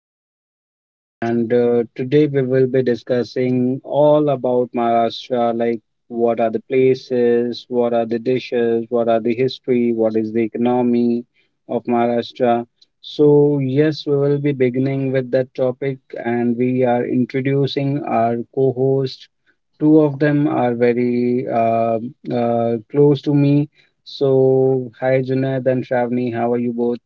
your host, and today we will be discussing all about Maharashtra, like what are the places, what are the dishes, what are the history, what is the economy of Maharashtra. So, yes, we will be beginning with that topic, and we are introducing our co host. Two of them are very close to me, so hi Junaid and Shravani, how are you both?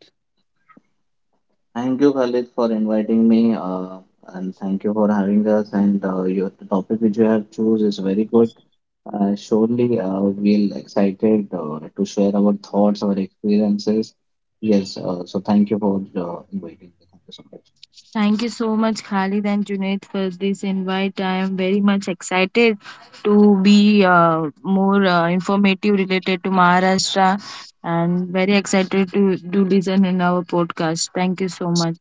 Thank you, Khalid, for inviting me, and thank you for having us. And your the topic which you have choose is very good. Surely, we'll excited to share our thoughts, our experiences. Yes, so thank you for inviting me. Thank you so much. Thank you so much, Khalid and Junaid, for this invite. I am very much excited to be more informative related to Maharashtra and very excited to listen in our podcast. Thank you so much.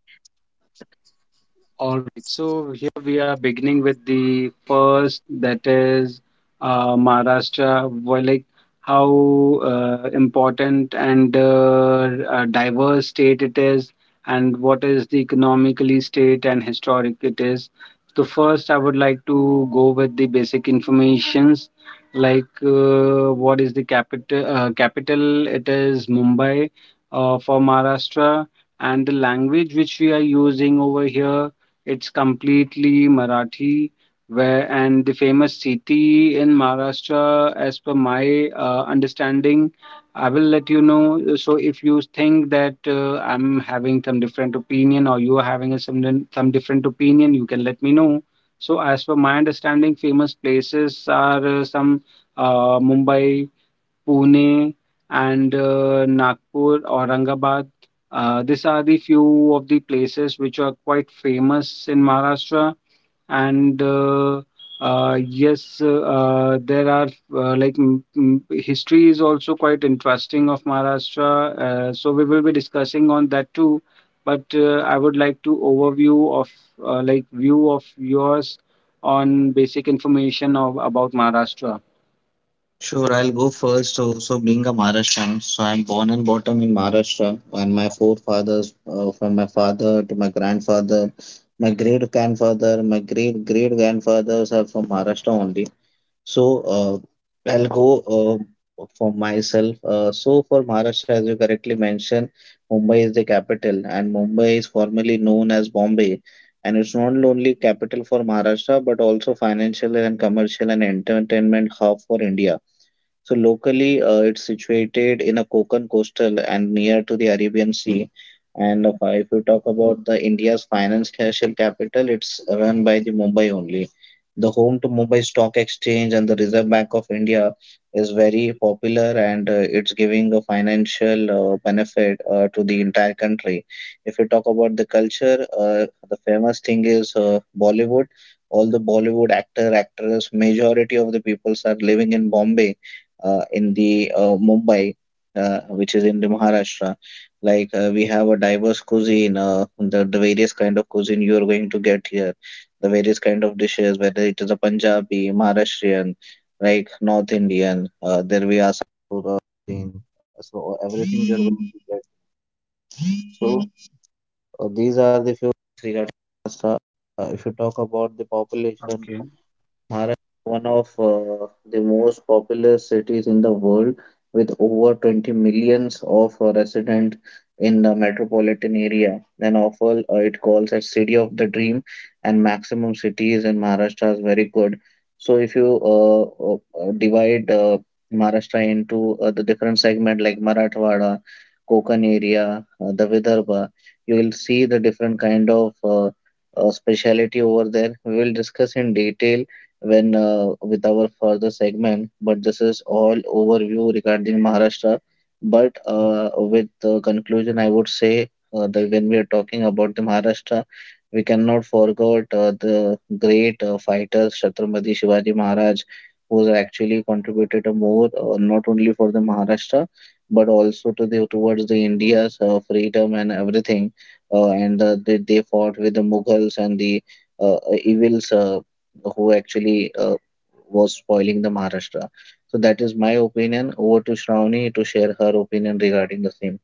All right, so here we are beginning with the first, that is Maharashtra. Well, like how important and diverse state it is, and what is the economically state and historic it is. So first, I would like to go with the basic informations, like what is the capital? Capital, it is Mumbai for Maharashtra, and the language which we are using over here, it's completely Marathi, where and the famous city in Maharashtra, as per my understanding, I will let you know. So if you think that I'm having some different opinion or you are having a, some din- some different opinion, you can let me know. So as per my understanding, famous places are some Mumbai, Pune and Nagpur, Aurangabad. These are the few of the places which are quite famous in Maharashtra. And yes, there are like m- m- history is also quite interesting of Maharashtra. So we will be discussing on that too. But I would like to overview of like view of yours on basic information of about Maharashtra. Sure, I'll go first. So, being a Maharashtrian, so I'm born and bottom in Maharashtra, and my forefathers, from my father to my grandfather, my great great grandfathers are from Maharashtra only. So I'll go for myself. So for Maharashtra, as you correctly mentioned, Mumbai is the capital, and Mumbai is formerly known as Bombay, and it's not only capital for Maharashtra but also financial and commercial and entertainment hub for India. So locally, it's situated in a Konkan coastal and near to the Arabian Sea. And if you talk about the India's financial capital, it's run by the Mumbai only. The home to Mumbai Stock Exchange and the Reserve Bank of India is very popular and it's giving a financial benefit to the entire country. If you talk about the culture, the famous thing is Bollywood. All the Bollywood actor, actress, majority of the peoples are living in Bombay in the Mumbai, which is in the Maharashtra. Like we have a diverse cuisine, the various kind of cuisine you are going to get here, the various kind of dishes, whether it is a Punjabi, Maharashtrian, like North Indian, there we populous cities in the world, with over 20 millions of residents in the metropolitan area. Then often it calls as city of the dream, and maximum cities in Maharashtra is very good. So if you divide Maharashtra into the different segment like Marathwada, Konkan area, the Vidarbha, you will see the different kind of speciality over there. We will discuss in detail when with our further segment. But this is all overview regarding Maharashtra. But with the conclusion, I would say that when we are talking about the Maharashtra, we cannot forget the great fighters Chhatrapati Shivaji Maharaj, who actually contributed a more not only for the Maharashtra but also to the towards the India's freedom and everything. They fought with the Mughals and the evils who actually was spoiling the Maharashtra. So that is my opinion. Over to Shravani to share her opinion regarding the same.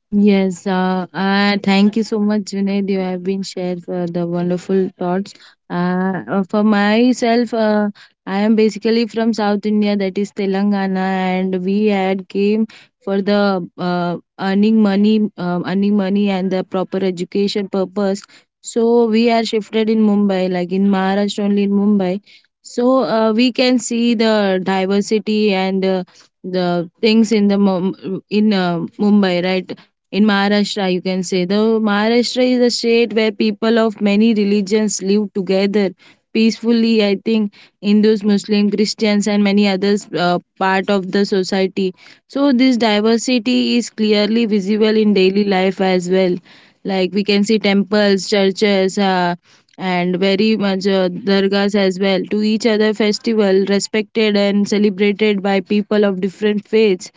Yes, Thank you so much, Junaid. You have been shared for the wonderful thoughts. For myself, I am basically from South India, that is Telangana, and we had came for the earning money, and the proper education purpose. So we are shifted in Mumbai, like in Maharashtra only in Mumbai. So we can see the diversity and the things in the Mum- in Mumbai, right? In Maharashtra, you can say the Maharashtra is a state where people of many religions live together peacefully. I think Hindus, Muslim, Christians, and many others part of the society. So this diversity is clearly visible in daily life as well. Like we can see temples, churches, and very much dargahs as well. To each other festival respected and celebrated by people of different faiths,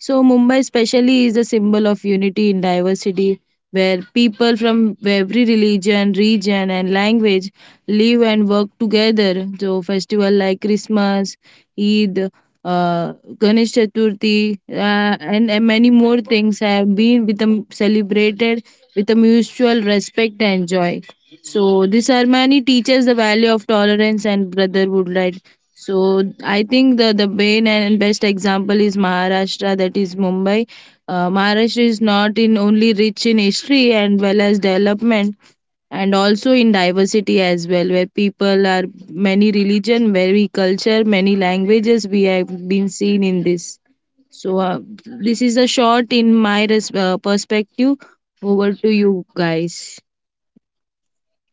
so Mumbai especially is a symbol of unity in diversity, where people from every religion, region, and language live and work together. So festival like Christmas, Eid, uh, Ganesh Chaturthi, and many more things have been with them celebrated with a mutual respect and joy. So this ceremony teaches the value of tolerance and brotherhood, right? So I think the main and best example is Maharashtra, that is Mumbai. Maharashtra is not in only rich in history and well as development, and also in diversity as well, where people are many religion, very culture, many languages. We have been seen in this. So this is a short in my perspective. Over to you guys.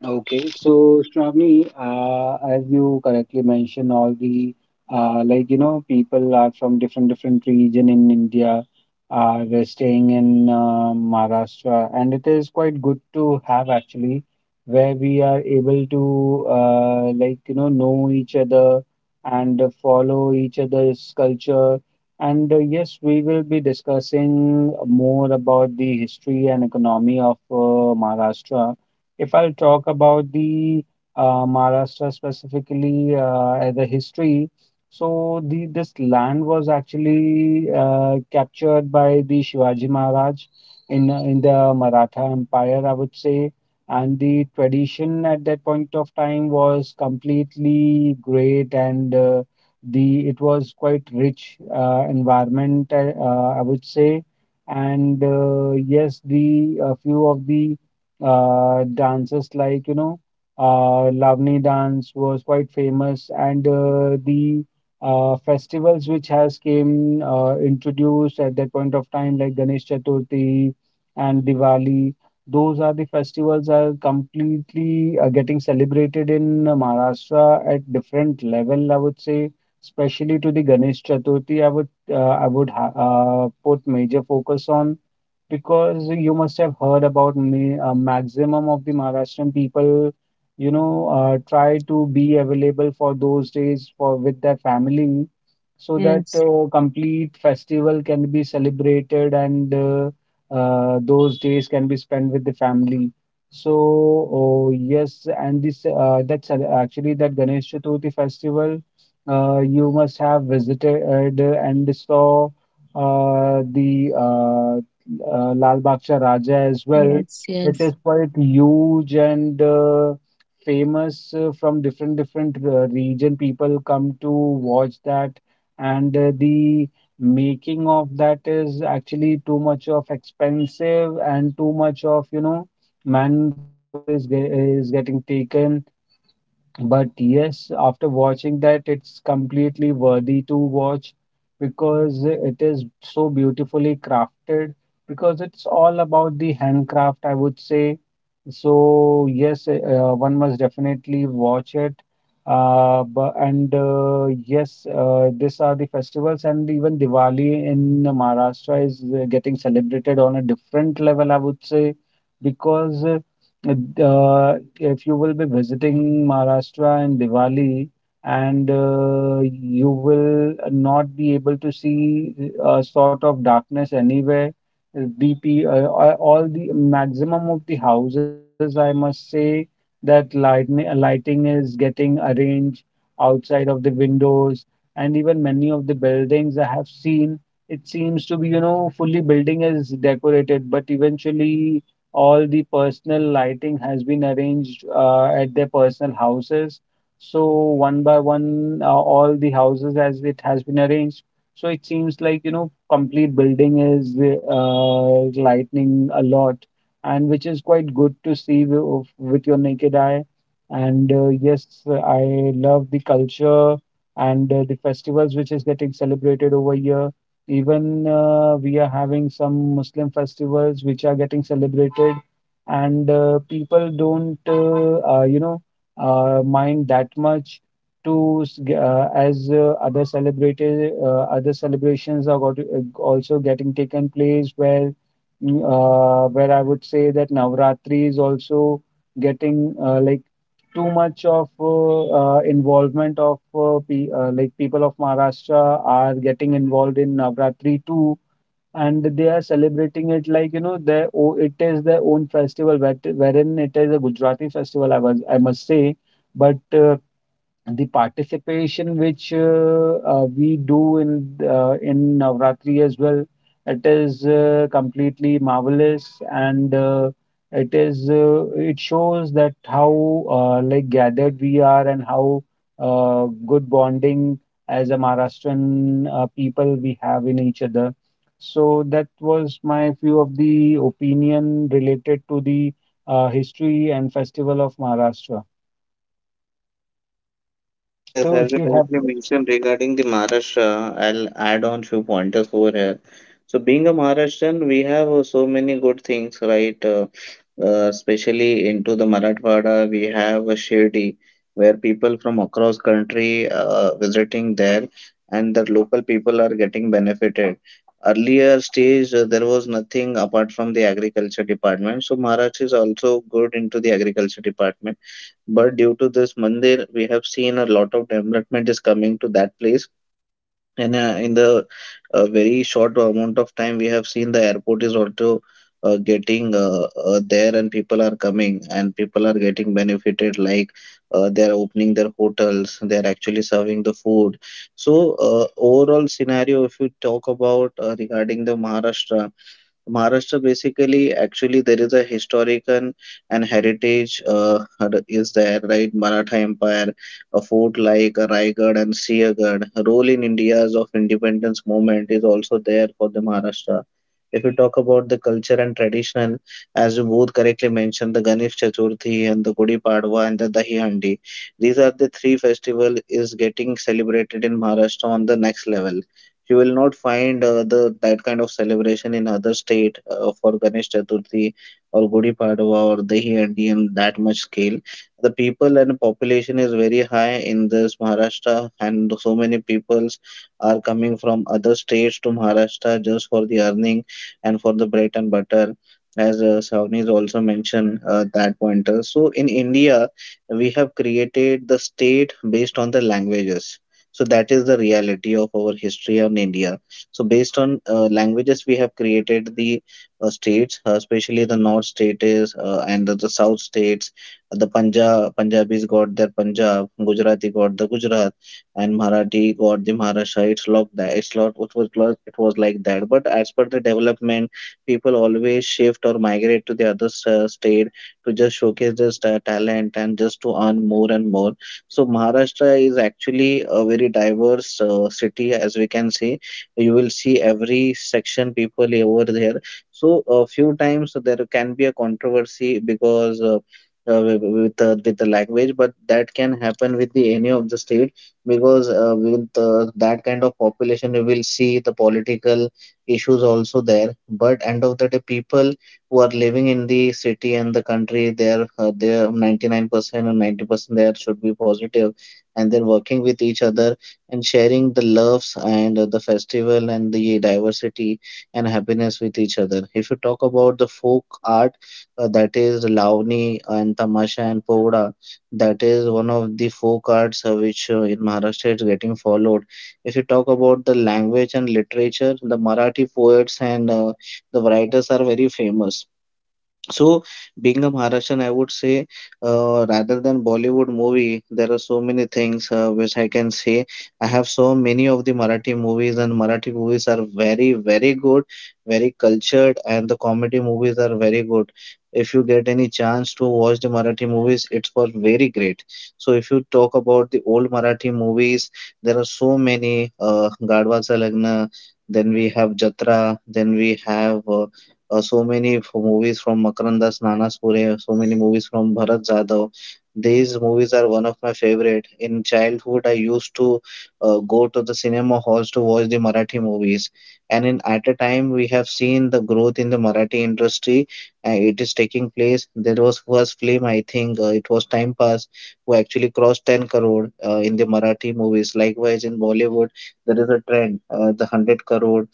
Okay, so Shravani, as you correctly mentioned, all the like you know people are from different different region in India. They're staying in Maharashtra, and it is quite good to have actually, where we are able to like you know each other and follow each other's culture. And yes, we will be discussing more about the history and economy of Maharashtra. If I'll talk about the Maharashtra specifically, the history, so the this land was actually captured by the Shivaji Maharaj in the Maratha Empire, I would say. And the tradition at that point of time was completely great, and the it was quite rich environment, I would say. And yes, the a few of the dances like you know Lavani dance was quite famous, and the festivals which has came introduced at that point of time, like Ganesh Chaturthi and Diwali. Those are the festivals are completely getting celebrated in Maharashtra at different level, I would say, especially to the Ganesh Chaturthi. I would ha put major focus on, because you must have heard about me, maximum of the Maharashtrian people, you know, try to be available for those days for with their family, so that Yes. Complete festival can be celebrated, and those days can be spent with the family. So oh, yes, and this that's actually that Ganesh Chaturthi festival. You must have visited and saw the Lal Baksha Raja as well. Yes, It yes. is quite huge and famous from different different region. People come to watch that, and the making of that is actually too much of expensive and too much of you know manpower is is getting taken, but yes, after watching that, it's completely worthy to watch because it is so beautifully crafted. Because it's all about the handcraft, I would say. So yes, one must definitely watch it. But, and yes, these are the festivals, and even Diwali in Maharashtra is getting celebrated on a different level, I would say, because if you will be visiting Maharashtra in Diwali, and you will not be able to see a sort of darkness anywhere. All the maximum of the houses, I must say, that light, lighting is getting arranged outside of the windows, and even many of the buildings I have seen. It seems to be, you know, fully building is decorated, but eventually all the personal lighting has been arranged at their personal houses. So one by one, all the houses as it has been arranged. So it seems like, you know, complete building is lightning a lot, and which is quite good to see with your naked eye. And yes, I love the culture and the festivals which is getting celebrated over here. Even we are having some Muslim festivals which are getting celebrated, and people don't, you know, mind that much as other celebrated other celebrations are got, also getting taken place where where I would say that Navratri is also getting like too much of involvement of like people of Maharashtra are getting involved in Navratri too, and they are celebrating it like you know it is their own festival, where- wherein it is a Gujarati festival. I must say, but the participation which we do in Navratri as well, it is completely marvelous, and it shows that how like gathered we are and how good bonding as a Maharashtrian people we have in each other. So that was my few of the opinion related to the history and festival of Maharashtra. Yes, So as if you you have correctly mentioned regarding the Maharashtra, I'll add on few pointers over here. So, being a Maharashtrian, we have so many good things, right? Especially into the Marathwada, we have a Shirdi, where people from across country visiting there, and the local people are getting benefited. Earlier stage, there was nothing apart from the agriculture department. So, Maharashtra is also good into the agriculture department but due to this mandir, we have seen a lot of development is coming to that place. And in the very short amount of time, we have seen the airport is also getting there, and people are coming and people are getting benefited. Like they are opening their hotels, they are actually serving the food. So, overall scenario, if you talk about regarding the Maharashtra. Maharashtra basically, actually, there is a historical and heritage is there, right? Maratha Empire, a fort like Raigad and Siaghad. Role in India's of independence movement is also there for the Maharashtra. If you talk about the culture and traditional, as you both correctly mentioned, the Ganesh Chaturthi and the Gudi Padwa and the Dahi Handi, these are the three festival is getting celebrated in Maharashtra on the next level. You will not find the that kind of celebration in other state for Ganesh Chaturthi or Gudi Padwa or Dahi Handi in that much scale. The people and population is very high in this Maharashtra, and so many peoples are coming from other states to Maharashtra just for the earning and for the bread and butter. As Savani has also mentioned that pointer. So in India, we have created the state based on the languages so that is the reality of our history on India. So based on languages, we have created the states, especially the north states and the south states. The Punjabis got their Punjab, Gujarati got the Gujarat, and Marathi got the Maharashtra. It's like that. It's lot. It was like that. But as per the development, people always shift or migrate to the other state to just showcase their talent and just to earn more and more so Maharashtra is actually a very diverse city, as we can see. You will see every section people over there. So a few times there can be a controversy because with the language, but that can happen with the any of the state because with that kind of population, you will see the political issues also there. But end of the day, people who are living in the city and the country, they are 99% or 90% there should be positive, and they're working with each other and sharing the loves and the festival and the diversity and happiness with each other. If you talk about the folk art, that is Lavani and Tamasha and Povda, that is one of the folk arts which in Maharashtra is getting followed. If you talk about the language and literature, the Marathi poets and the writers are very famous so, being a Maharashtrian, I would say, rather than Bollywood movie, there are so many things which I can say. I have so many of the Marathi movies, and Marathi movies are very, very good, very cultured, and the comedy movies are very good. If you get any chance to watch the Marathi movies, it's for very great. So, if you talk about the old Marathi movies, there are so many. Gadwacha Lagna, then we have Jatra, then we have. So many movies from Makarandas Nanas pure. So many movies from Bharat Jadhav. These movies are one of my favorite. In childhood, I used to go to the cinema halls to watch the Marathi movies. And in at a time, we have seen the growth in the Marathi industry. It is taking place. There was first film, I think, it was Time Pass, who actually crossed 10 crore in the Marathi movies. Likewise, in Bollywood, there is a trend, the 100 crore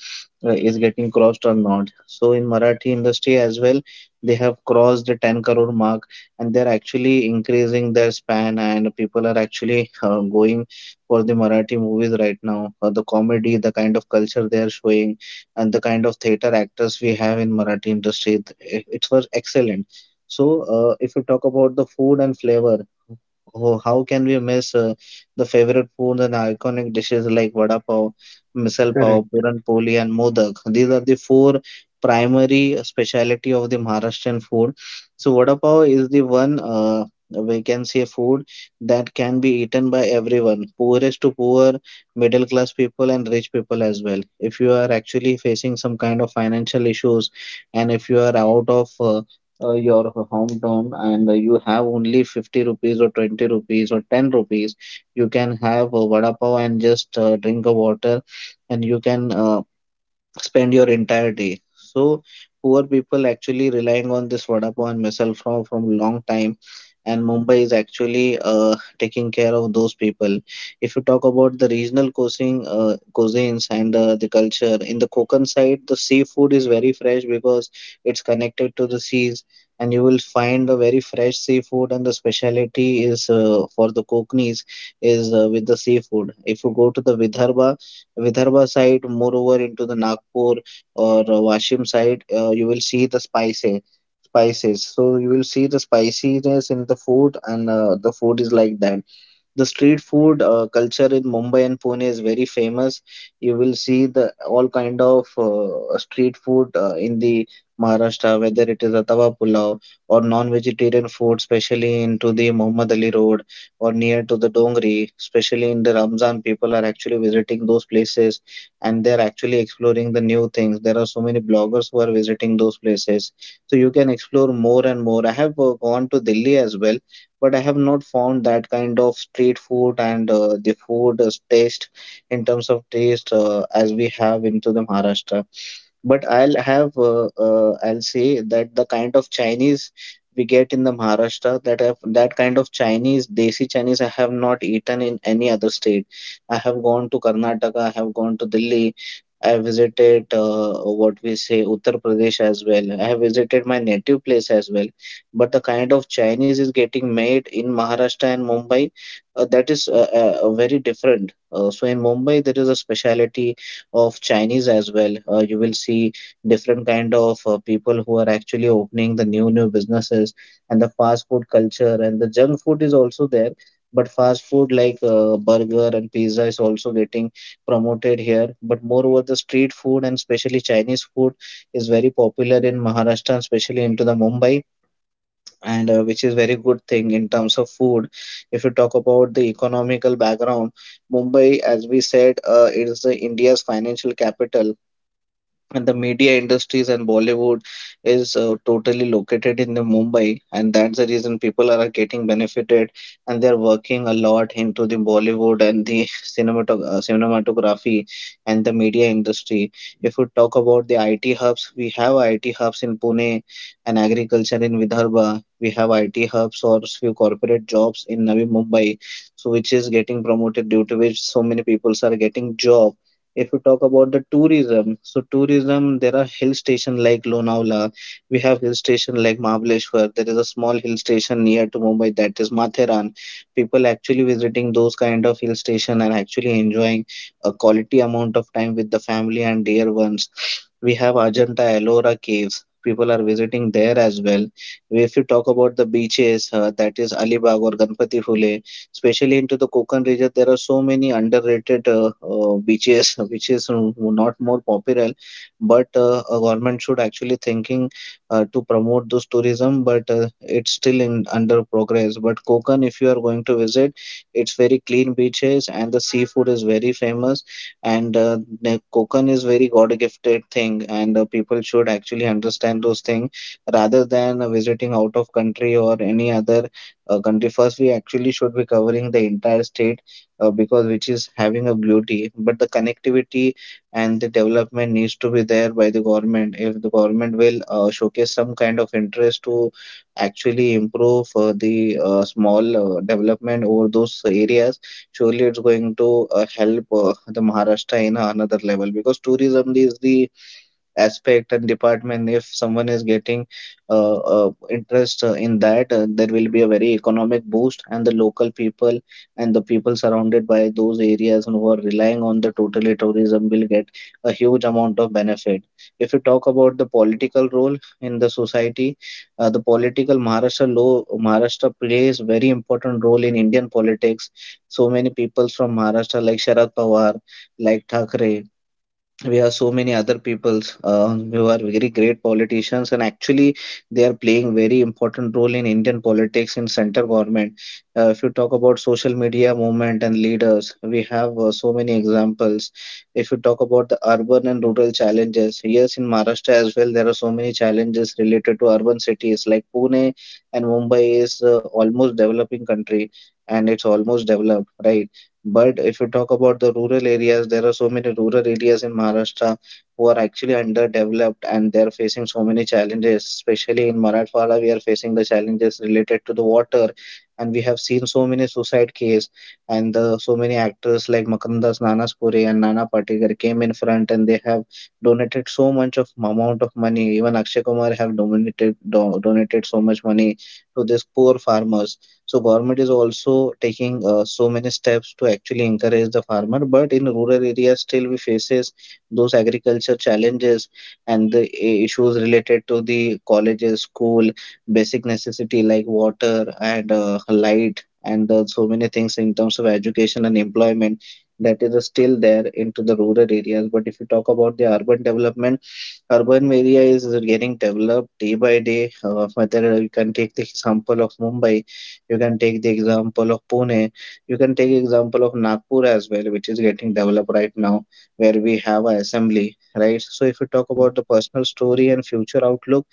is getting crossed or not. So in Marathi industry as well, they have crossed the 10 crore mark and they're actually increasing their span and people are actually going for the Marathi movies right now. The comedy, the kind of culture they are showing and the kind of theater actors we have in Marathi industry, it was excellent. So if you talk about the food and flavor, how can we miss the favorite foods and iconic dishes like vada pav? Misal pav, Correct. puran poli, and modak. These are the four primary speciality of the Maharashtrian food. So vada pav is the one we can say food that can be eaten by everyone, poorest to poor, middle class people, and rich people as well. If you are actually facing some kind of financial issues, and if you are out of your hometown and you have only 50 rupees or 20 rupees or 10 rupees you can have a vada pav and just drink a water and you can spend your entire day. So poor people actually relying on this vada pav and misal from long time, and Mumbai is actually taking care of those people. If you talk about the regional cuisine, cuisines and the culture in the Konkan side, the seafood is very fresh because it's connected to the seas. And you will find the very fresh seafood, and the specialty is for the Kokanese is with the seafood. If you go to the Vidarbha, Vidarbha side, moreover into the Nagpur or Washim side, you will see the spices. Spices. So you will see the spiciness in the food, and the food is like that. The street food culture in Mumbai and Pune is very famous. You will see the all kind of street food in the Maharashtra, whether it is a tawa pulao or non-vegetarian food, especially into the Muhammad Ali Road or near to the Dongri, especially in the Ramzan, people are actually visiting those places, and they're actually exploring the new things. There are so many bloggers who are visiting those places. So you can explore more and more. I have gone to Delhi as well, but I have not found that kind of street food and the food taste, in terms of taste, as we have into the Maharashtra. But I'll have, I'll say that the kind of Chinese we get in the Maharashtra, that kind of Chinese, desi Chinese, I have not eaten in any other state. I have gone to Karnataka, I have gone to Delhi, I visited what we say Uttar Pradesh as well. I have visited my native place as well. But the kind of Chinese is getting made in Maharashtra and Mumbai, that is very different. So in Mumbai, there is a specialty of Chinese as well. You will see different kind of people who are actually opening the new businesses, and the fast food culture and the junk food is also there. But fast food like burger and pizza is also getting promoted here. But moreover, the street food and especially Chinese food is very popular in Maharashtra, and especially into the Mumbai, and which is very good thing in terms of food. If you talk about the economical background, Mumbai, as we said, it is the India's financial capital, and the media industries and Bollywood is totally located in the Mumbai, and that's the reason people are getting benefited, and they're working a lot into the Bollywood and the cinematography and the media industry. If we talk about the IT hubs, we have IT hubs in Pune, and agriculture in Vidarbha. We have IT hubs or few corporate jobs in Navi Mumbai, so which is getting promoted, due to which so many people are getting job. If we talk about the tourism, so tourism, there are hill stations like Lonavala. We have hill station like Mahabaleshwar. There is a small hill station near to Mumbai, that is Matheran. People actually visiting those kind of hill station and actually enjoying a quality amount of time with the family and dear ones. We have Ajanta Ellora caves. People are visiting there as well. If you talk about the beaches, that is Alibag or Ganpati Phule, especially into the Konkan region, there are so many underrated beaches which is not more popular, but a government should actually thinking to promote those tourism, but it's still in under progress. But Konkan, if you are going to visit, it's very clean beaches and the seafood is very famous, and the Konkan is very God gifted thing, and people should actually understand those things rather than visiting out of country or any other country. First, we actually should be covering the entire state because which is having a beauty, but the connectivity and the development needs to be there by the government. If the government will showcase some kind of interest to actually improve the small development over those areas, surely it's going to help the Maharashtra in another level, because tourism is the aspect and department. If someone is getting uh, interest in that, there will be a very economic boost, and the local people and the people surrounded by those areas and who are relying on the totally tourism will get a huge amount of benefit. If you talk about the political role in the society, the political Maharashtra plays very important role in Indian politics. So many people from Maharashtra, like Sharad Pawar, like Thakre, we have so many other peoples who are very great politicians, and actually they are playing very important role in Indian politics in center government. If you talk about social media movement and leaders, we have so many examples. If you talk about the urban and rural challenges, yes, in Maharashtra as well, there are so many challenges related to urban cities like Pune, and Mumbai is almost developing country, and it's almost developed, right? But if you talk about the rural areas, there are so many rural areas in Maharashtra who are actually underdeveloped and they're facing so many challenges. Especially in Marathwada, we are facing the challenges related to the water, and we have seen so many suicide cases. And the, so many actors like Makandas Nanaspuri and Nana Patekar came in front, and they have donated so much of amount of money. Even Akshay Kumar have donated donated so much money to these poor farmers. So government is also taking so many steps to actually encourage the farmer, but in rural areas still we faces those agriculture challenges, and the issues related to the colleges, school, basic necessity like water and light and so many things in terms of education and employment, that is still there into the rural areas. But if you talk about the urban development, urban area is getting developed day by day. Whether you can take the example of Mumbai, you can take the example of Pune, you can take example of Nagpur as well, which is getting developed right now, where we have an assembly, right? So if you talk Correct. about the personal story and future outlook,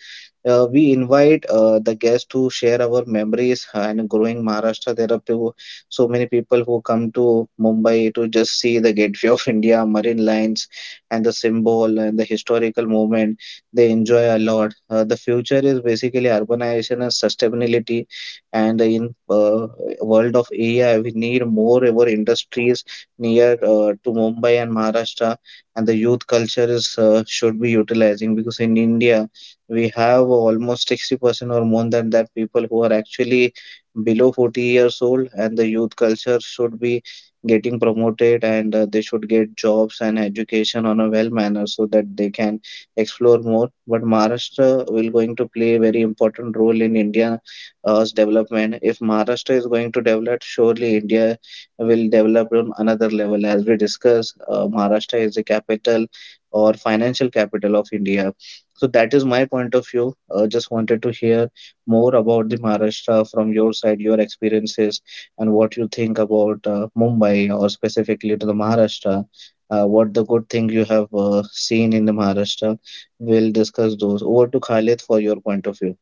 we invite the guests to share our memories and growing Maharashtra. There are people, so many people who come to Mumbai to just see the Gateway of India, marine lines, and the symbol and the historical moment. They enjoy a lot. The future is basically urbanization and sustainability. And in world of AI, we need more our industries near to Mumbai and Maharashtra. And the youth culture is should be utilizing, because in India we have almost 60% or more than that people who are actually below 40 years old, and the youth culture should be getting promoted, and they should get jobs and education on a well manner, so that they can explore more. But Maharashtra will going to play a very important role in India's development. If Maharashtra is going to develop, surely India will develop on another level. As we discussed, Maharashtra is the capital or financial capital of India. So that is my point of view. Just wanted to hear more about the Maharashtra from your side, your experiences, and what you think about Mumbai or specifically to the Maharashtra. What the good thing you have seen in the Maharashtra. We'll discuss those. Over to Khalid for your point of view.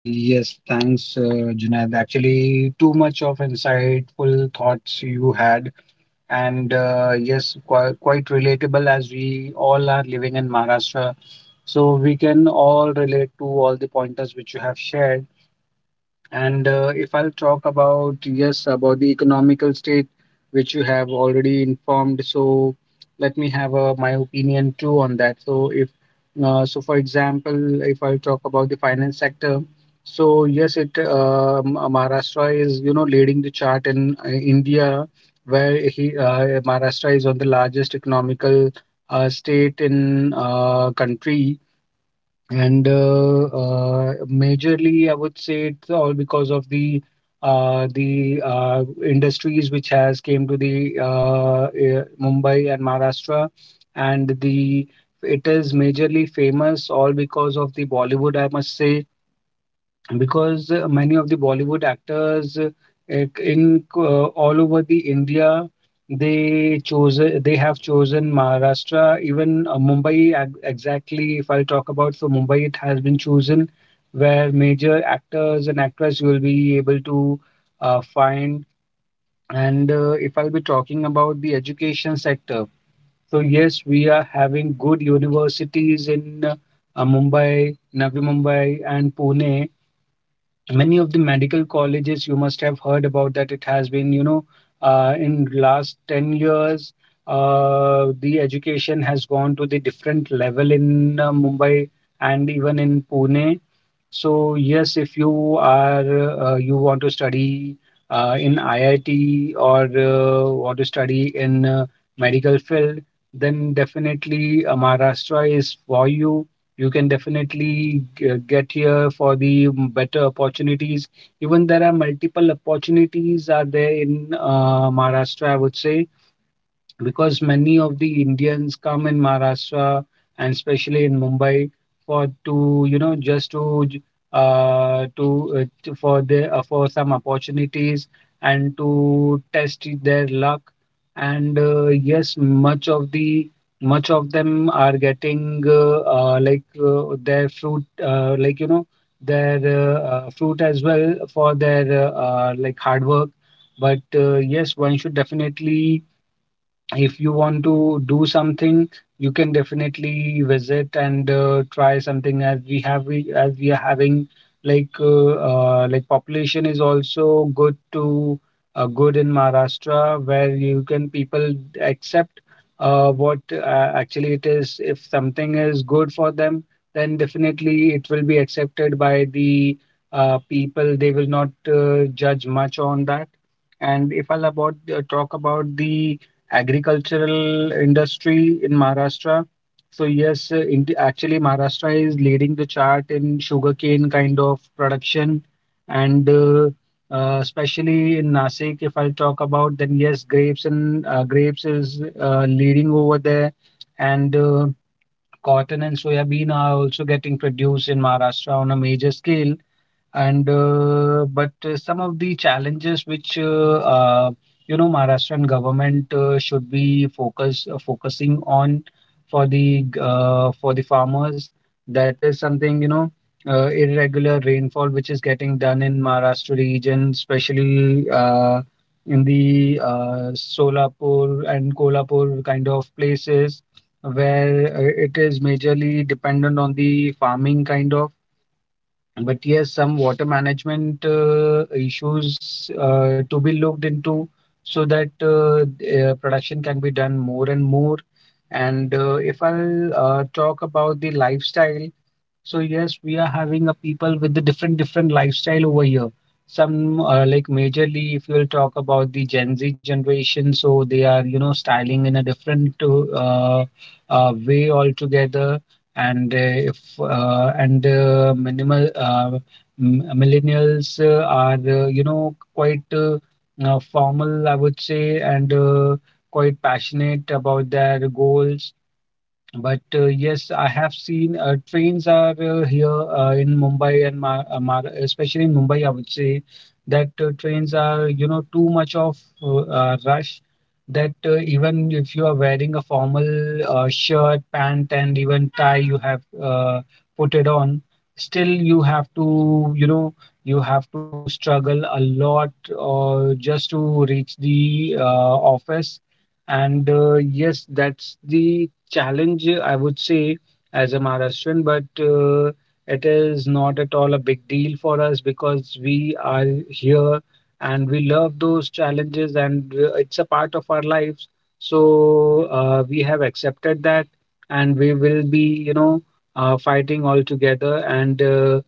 Yes, thanks, Junaid. Actually, too much of insightful thoughts you had, and yes, quite, quite relatable as we all are living in Maharashtra. So we can all relate to all the pointers which you have shared. And if I'll talk about, yes, about the economical state, which you have already informed, so let me have my opinion too on that. So, if for example, if I'll talk about the finance sector, so yes, it Maharashtra is you know leading the chart in India, where he Maharashtra is on the largest economical state in country, and majorly, I would say it's all because of the industries which has came to the Mumbai and Maharashtra, and the it is majorly famous all because of the Bollywood, I must say, because many of the Bollywood actors in all over the India, they have chosen Maharashtra. Even Mumbai, exactly, if I talk about, for Mumbai it has been chosen, where major actors and actresses you will be able to find. And if I'll be talking about the education sector, so yes, we are having good universities in Mumbai, Navi Mumbai and Pune. Many of the medical colleges you must have heard about that. It has been you know in last 10 years the education has gone to the different level in Mumbai and even in Pune. So yes, if you are you want to study in IIT or want to study in medical field, then definitely Maharashtra is for you. You can definitely get here for the better opportunities. Even there are multiple opportunities are there in Maharashtra, I would say, because many of the Indians come in Maharashtra, and especially in Mumbai, for to you know just to for the for some opportunities and to test their luck. And yes, much of them are getting like their fruit like you know their fruit as well for their like hard work. But yes, one should definitely, if you want to do something, you can definitely visit and try something, as we have we are having like population is also good in Maharashtra, where you can people accept what actually it is. If something is good for them, then definitely it will be accepted by the people. They will not judge much on that. And if I'll about talk about the agricultural industry in Maharashtra. So yes, in actually Maharashtra is leading the chart in sugarcane kind of production, and especially in Nasik, if I talk about, then yes, grapes is leading over there, and cotton and soya bean are also getting produced in Maharashtra on a major scale, and but some of the challenges which you know Maharashtrian government should be focusing on for the for the farmers, that is something, you know, irregular rainfall which is getting done in Maharashtra region, especially in the Solapur and Kolhapur kind of places where it is majorly dependent on the farming kind of. But yes, some water management issues to be looked into so that production can be done more and more. And if I'll talk about the lifestyle, so yes, we are having a people with the different different lifestyle over here. Some like majorly, if you'll talk about the Gen Z generation, so they are, you know, styling in a different way altogether. And if and minimal millennials are you know quite formal, I would say, and quite passionate about their goals, but yes, I have seen trains are here in Mumbai and Mar Mar especially in Mumbai, I would say that trains are, you know, too much of rush, that even if you are wearing a formal shirt, pant, and even tie you have put it on, still you have to, you know, you have to struggle a lot just to reach the office. And yes, that's the challenge, I would say, as a Maharashtrian, but it is not at all a big deal for us because we are here and we love those challenges, and it's a part of our lives. So we have accepted that and we will be, you know, fighting all together. And uh,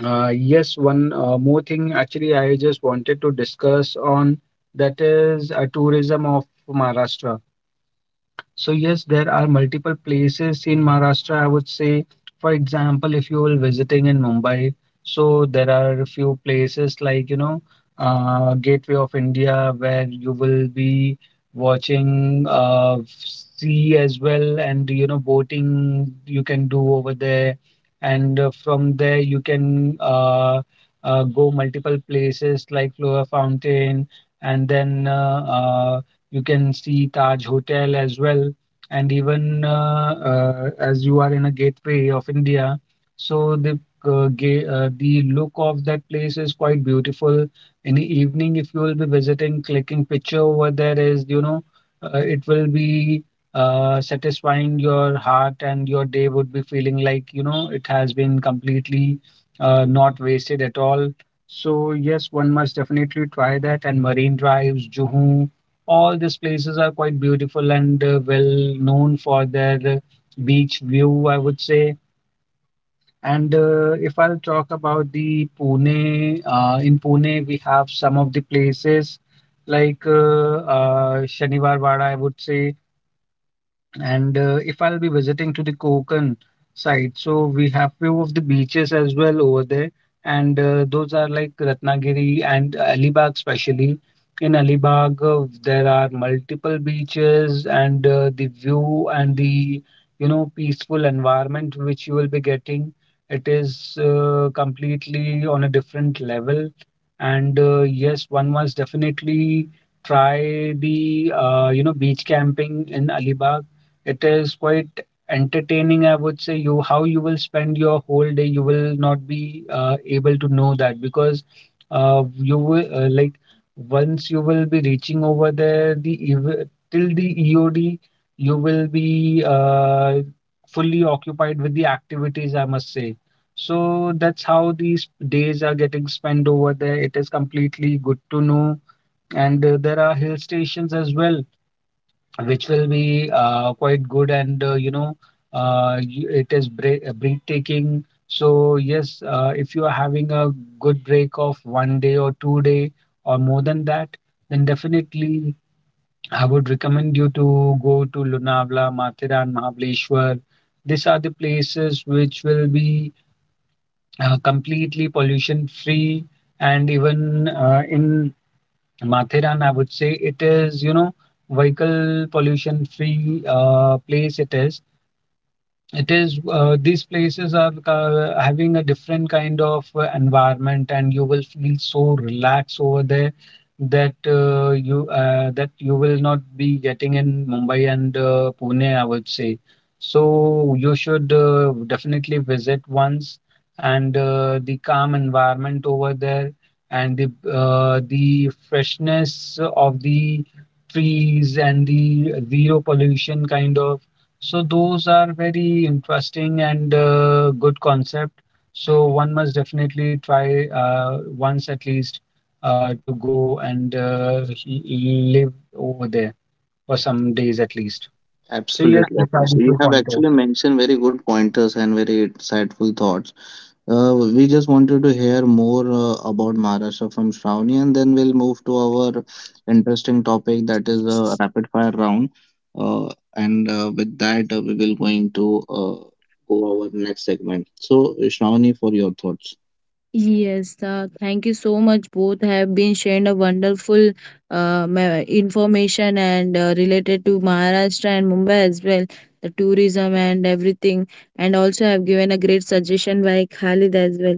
uh, yes, one more thing actually I just wanted to discuss on, that is a tourism of Maharashtra. So yes, there are multiple places in Maharashtra, I would say. For example, if you will visiting in Mumbai, so there are a few places like, you know, Gateway of India, where you will be watching sea as well, and, you know, boating you can do over there. And from there you can go multiple places like Flora Fountain, and then uh, you can see Taj Hotel as well, and even as you are in a gateway of India, so the the look of that place is quite beautiful. In the evening, if you will be visiting, clicking picture over there is, you know, it will be satisfying your heart, and your day would be feeling like, you know, it has been completely not wasted at all. So yes, one must definitely try that. And Marine Drives, Juhu, all these places are quite beautiful and well known for their beach view, I would say. And if I'll talk about the Pune, in Pune we have some of the places like Shaniwar Wada, I would say. And if I'll be visiting to the Konkan side, so we have few of the beaches as well over there, and those are like Ratnagiri and Alibag, especially. In Alibag, there are multiple beaches, and the view and the you know peaceful environment which you will be getting, it is completely on a different level. And yes, one must definitely try the you know beach camping in Alibag. It is quite entertaining, I would say. You, how you will spend your whole day you will not be able to know that, because you will like once you will be reaching over there, till the EOD you will be fully occupied with the activities, I must say. So that's how these days are getting spent over there. It is completely good to know, and there are hill stations as well which will be quite good, and you know it is breathtaking. So yes, if you are having a good break of one day or 2 day or more than that, then definitely I would recommend you to go to Lonavala, Mathiran, Mahabaleshwar. These are the places which will be completely pollution free, and even in Matheran, I would say, it is, you know, vehicle pollution free place it is. These places are having a different kind of environment, and you will feel so relaxed over there that you that you will not be getting in Mumbai and Pune, I would say. So you should definitely visit once, and the calm environment over there, and the freshness of the trees, and the zero pollution kind of. So those are very interesting and good concept. So one must definitely try once at least, to go and live over there for some days at least. So yes, Absolutely, these are the absolutely. two You have actually pointers. mentioned very good pointers and very insightful thoughts. We just wanted to hear more about Maharashtra from Shravani, and then we'll move to our interesting topic, that is a rapid fire round. Uh, and with that, we will going to go our next segment. So, Shravani, for your thoughts. Yes, Thank you so much. Both have been sharing a wonderful information and related to Maharashtra and Mumbai as well, the tourism and everything. And also have given a great suggestion by Khalid as well.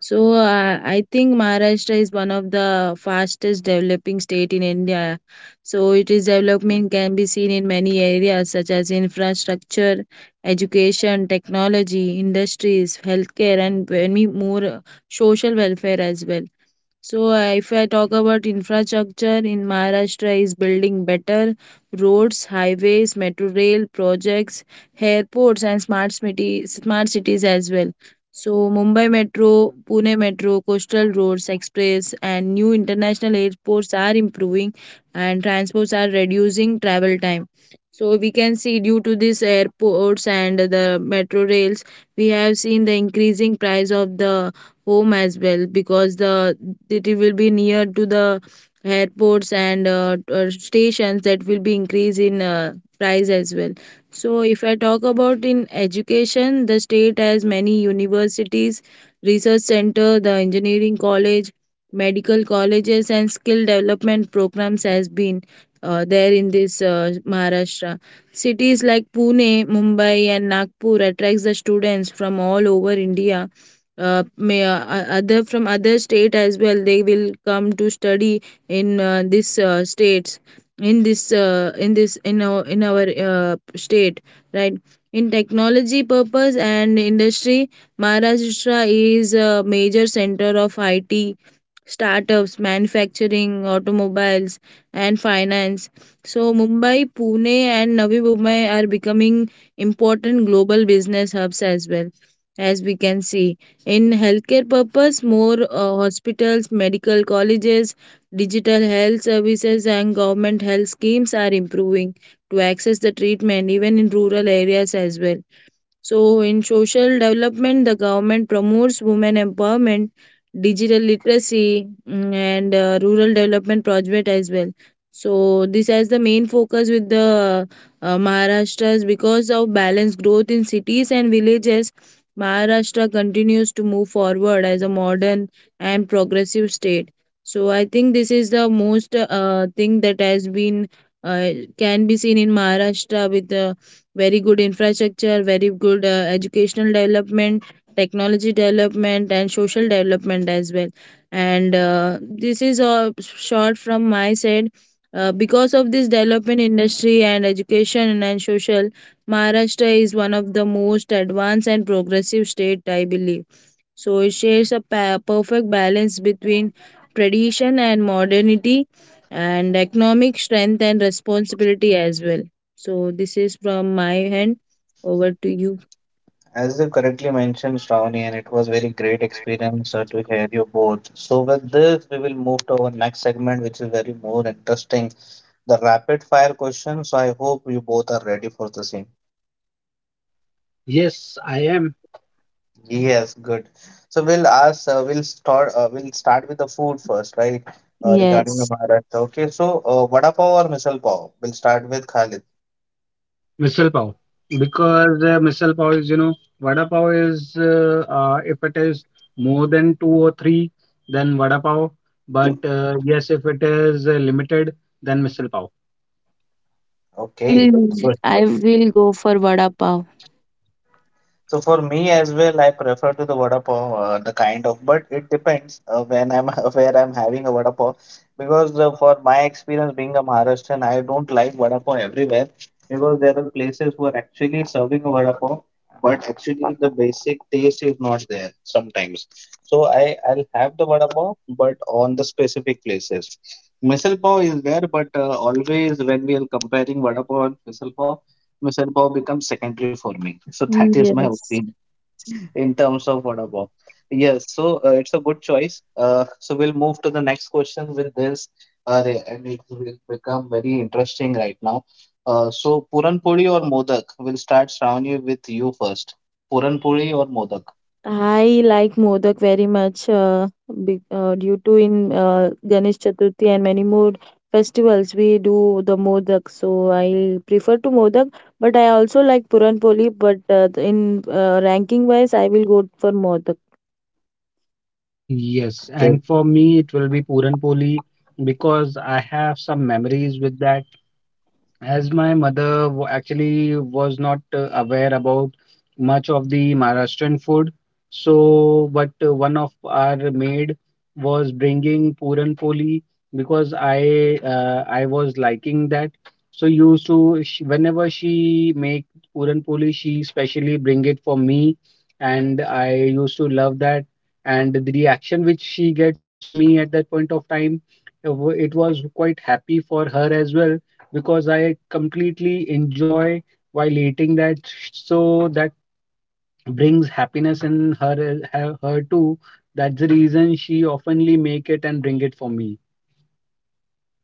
So I think Maharashtra is one of the fastest developing state in India. So it is development can be seen in many areas such as infrastructure, education, technology, industries, healthcare, and many more social welfare as well. So if I talk about infrastructure in Maharashtra is building better roads, highways, metro rail projects, airports and smart cities as well. So Mumbai Metro, Pune Metro, coastal roads, express and new international airports are improving and transports are reducing travel time. So we can see due to these airports and the metro rails, we have seen the increasing price of the home as well because the it will be near to the airports and stations that will be increase in price as well. So if I talk about in education, the state has many universities, research center, the engineering college, medical colleges and skill development programs has been there in this Maharashtra. Cities like Pune, Mumbai and Nagpur attracts the students from all over India, may other from other state as well. They will come to study in this states, in this in our in our state, right? In technology purpose and industry, Maharashtra is a major center of it, startups, manufacturing, automobiles and finance. So Mumbai, Pune and Navi Mumbai are becoming important global business hubs as well, as we can see. In healthcare purpose, more hospitals, medical colleges, digital health services and government health schemes are improving to access the treatment even in rural areas as well. So in social development, the government promotes women empowerment, digital literacy, and rural development project as well. So this has the main focus with the Maharashtra's because of balanced growth in cities and villages. Maharashtra continues to move forward as a modern and progressive state. So I think this is the most thing that has been uh, can be seen in Maharashtra with the very good infrastructure, very good educational development, technology development, and social development as well. And this is a short from my side. Because of this development industry and education and social, Maharashtra is one of the most advanced and progressive state, I believe. So it shares a perfect balance between tradition and modernity and economic strength and responsibility as well. So this is from my hand, over to you. As you correctly mentioned, Shravani, and it was very great experience to hear you both. So with this, we will move to our next segment, which is very more interesting, the rapid fire question. So I hope you both are ready for the same. Yes, I am Yes, good. So we'll ask, we'll start with the food first, right? Regarding the Yes. Maharashtra. Okay, so vada pav or misal pav? We'll start with Khalid. missile pav, because missile pav is you know vada pav is if it is more than two or three then vada pav, but yes, if it is limited then missile pav. I Okay. will I will go for vada pav. So for me as well, I prefer to the vada pav, the kind of, but it depends when I'm where I'm having a vada pav, because for my experience being a Maharashtrian, I don't like vada pav everywhere, because there are places who are actually serving a vada pav, but actually the basic taste is not there sometimes. So I'll have the vada pav, but on the specific places. Misal pav is there, but always when we are comparing vada pav and misal pav. Mission Pav becomes secondary for me. So that Mm, is my yes. opinion in terms of Vada Pav. Yes, so it's a good choice. So we'll move to the next question with this, and it will become very interesting right now. So Puran Puri or Modak? We'll start Shravani with you first. Puran Puri or Modak? I like Modak very much, due to in Ganesh Chaturthi and many more festivals we do the Modak. So I prefer to Modak, but I also like Puran Poli. But in ranking wise, I will go for Modak. Yes, and for me, it will be Puran Poli, because I have some memories with that, as my mother actually was not aware about much of the Maharashtrian food. So, but one of our maid was bringing puran poli, because I was liking that. So used to she, whenever she make puran poli, she specially bring it for me, and I used to love that. And the reaction which she gets from me at that point of time, it was quite happy for her as well because I completely enjoy while eating that. So that brings happiness in her too. That's the reason she oftenly make it and bring it for me.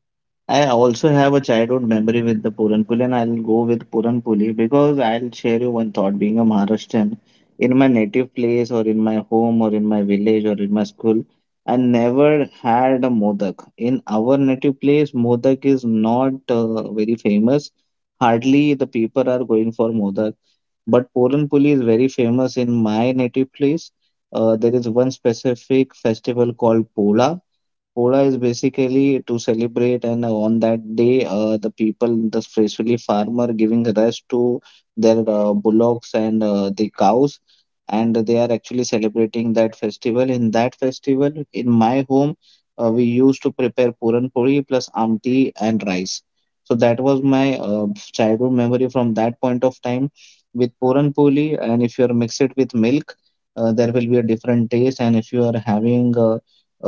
Yes, I also Mm. have a childhood memory with the Puran Puli, and I'll go with Puran Puli, because I'll share you one thought. Being a Maharashtrian, in my native place or in my home or in my village or in my school, I never had a modak. In our native place, modak is not very famous. Hardly the people are going for modak. But Puran Puli is very famous in my native place. There is one specific festival called Pola. Poda is basically to celebrate, and on that day, the people, the especially farmer, giving rest to their bullocks and the cows, and they are actually celebrating that festival. In that festival, in my home, we used to prepare puran puri plus amti and rice. So that was my childhood memory from that point of time with puran puri, and if you are mix it with milk, there will be a different taste, and if you are having uh,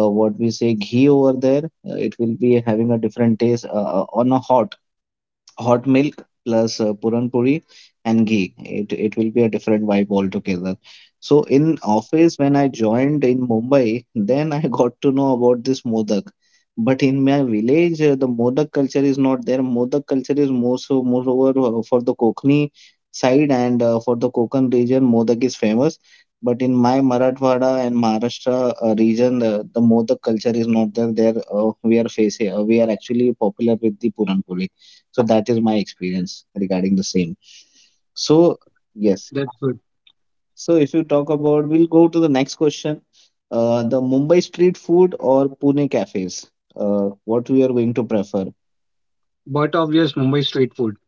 uh, what we say ghee over there, it will be having a different taste on a hot milk plus puran puri and ghee. It will be a different vibe altogether. So in office when I joined in Mumbai, then I got to know about this modak. But in my village, the modak culture is not there. Modak culture is more so moreover for the Konkani side, and for the Konkan region modak is famous. But in my Marathwada and Maharashtra region, the modak culture is not there. We are actually popular with the puran puri. So that is my experience regarding the same. So yes. That's good. So if you talk about, we'll go to the next question. The Mumbai street food or Pune cafes? What we are going to prefer? But obvious Mumbai street food,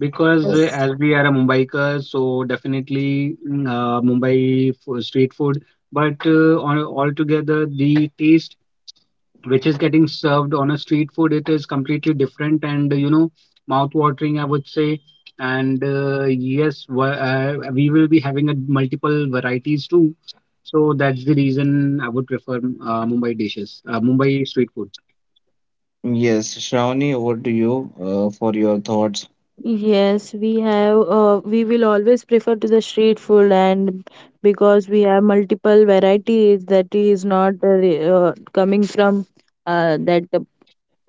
because Uh, Yes, as we are a Mumbaiker, so definitely mm, Mumbai street food. But on altogether, the taste which is getting served on a street food, it is completely different and you know mouth watering, I would say. And yes, we will be having a multiple varieties too, so that's the reason I would prefer Mumbai dishes, Mumbai street food. yes, Shravani, over to you for your thoughts. yes, we have. We will always prefer to the street food, and because we have multiple varieties, that is not coming from that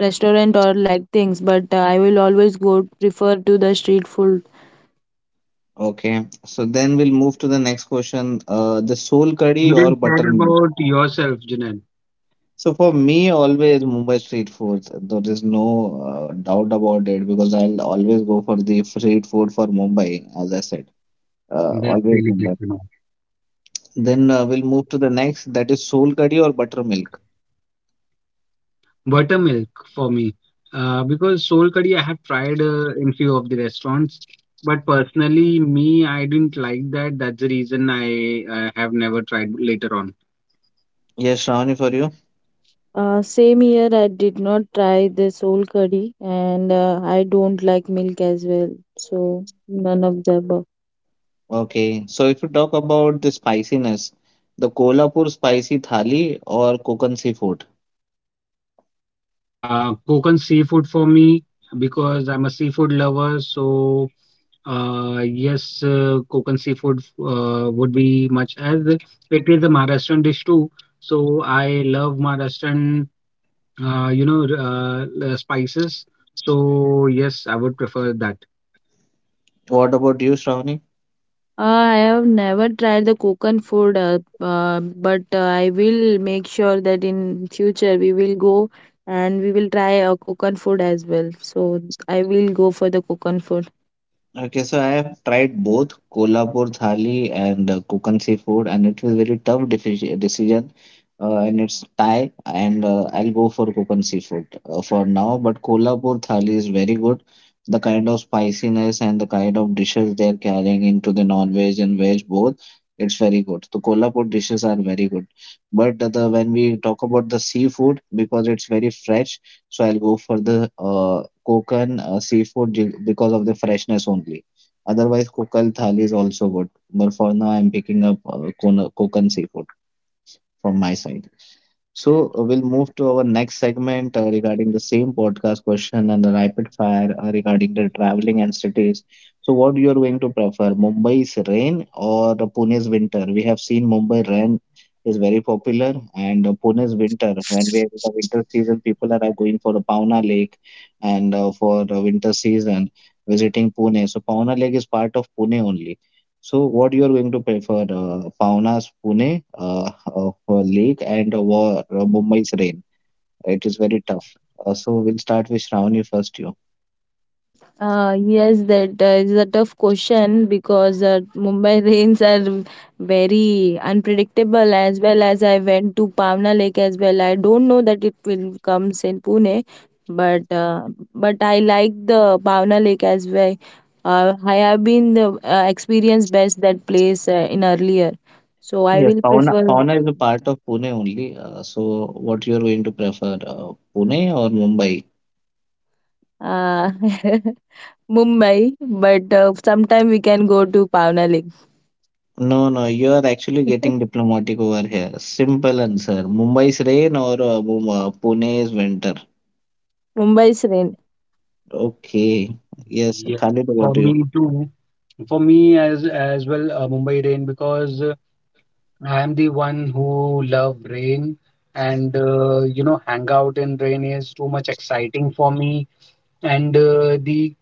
restaurant or like things, but I will always go prefer to the street food. Okay, so then we'll move to the next question. The soul curry You or didn't share buttermilk? about yourself, Junaid. So for me, always Mumbai street foods. There is no doubt about it because I'll always go for the street food for Mumbai, as I said. That's Always really good remember. to know. Then we'll move to the next that is soul curry or buttermilk. Buttermilk for me, because soul curry I have tried in few of the restaurants, but personally me I didn't like that. That's the reason I have never tried later on. Yes, Shravani, for you. Same here, I did not try this whole curry and I don't like milk as well, so none of the above. Okay, so if you talk about the spiciness, the Kolhapur spicy thali or Konkan seafood. Kokan seafood for me, because I'm a seafood lover, so yes, Kokan seafood would be much as it is a Maharashtrian dish too. So I love Maharashtrian, you know, spices. So yes, I would prefer that. What about you, Shravani? I have never tried the coconut food, uh, but I will make sure that in future we will go and we will try a coconut food as well. So I will go for the coconut food. Okay, so I have tried both Kolhapur thali and Konkan seafood, and it was very tough decision. And it's Thai, and I'll go for Konkan seafood for now. But Kolhapur thali is very good. The kind of spiciness and the kind of dishes they are carrying into the non-veg and veg both, it's very good. The Kolhapur dishes are very good. But the when we talk about the seafood, because it's very fresh, so I'll go for the Kokan seafood because of the freshness only. Otherwise, Kokal thali is also good. But for now, I'm picking up Kokan seafood from my side. So we'll move to our next segment regarding the same podcast question and the rapid fire regarding the traveling and cities. So what you are going to prefer, Mumbai's rain or the Pune's winter? We have seen Mumbai rain is very popular and Pune's winter. When we are in the winter season, people are going for the Pauna Lake and for the winter season visiting Pune. So Pauna Lake is part of Pune only. So what you are going to prefer, Pauna's Pune for lake and Mumbai's rain? It is very tough. So we'll start with Shravani first. You. Yes, that is a tough question because Mumbai rains are very unpredictable, as well as I went to Pavna Lake as well. I don't know that it will comes in Pune, but uh, but I like the Pavna Lake as well. I have been the experienced best that place in earlier, so I Yes, will Pauna. prefer. Pauna is a part of Pune only. So what you are going to prefer, Pune or Mumbai? uh, Mumbai, but sometime we can go to Pavna Lake. No, no, you are actually getting diplomatic over here. Simple answer. Mumbai's rain or Pune's winter. Mumbai's rain. Okay. Yes, Yeah, Khalid, over for to you. me too. For me as well, Mumbai rain, because I am the one who love rain, and you know, hang out in rain is too much exciting for me. And uh, the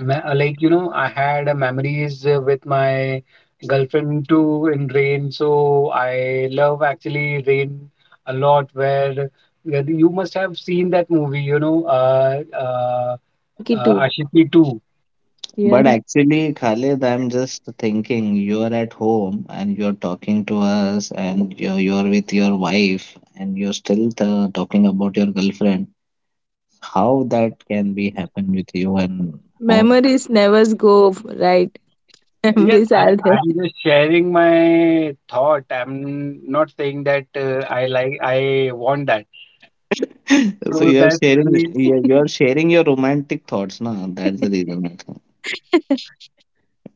me- uh, like you know, I had memories with my girlfriend too in rain, so I love actually rain a lot. Where you must have seen that movie, you know, Ashiki too. Ashiqui 2. Yeah. But actually, Khalid, I'm just thinking you are at home and you're talking to us, and you're with your wife, and you're still talking about your girlfriend. How that can be happen with you, and how? Memories never go, right? Yes, Memories I, are there. I'm just sharing my thought. I'm not saying that I like I want that. So So that she, you're sharing your romantic thoughts, now. That's the reason. I think.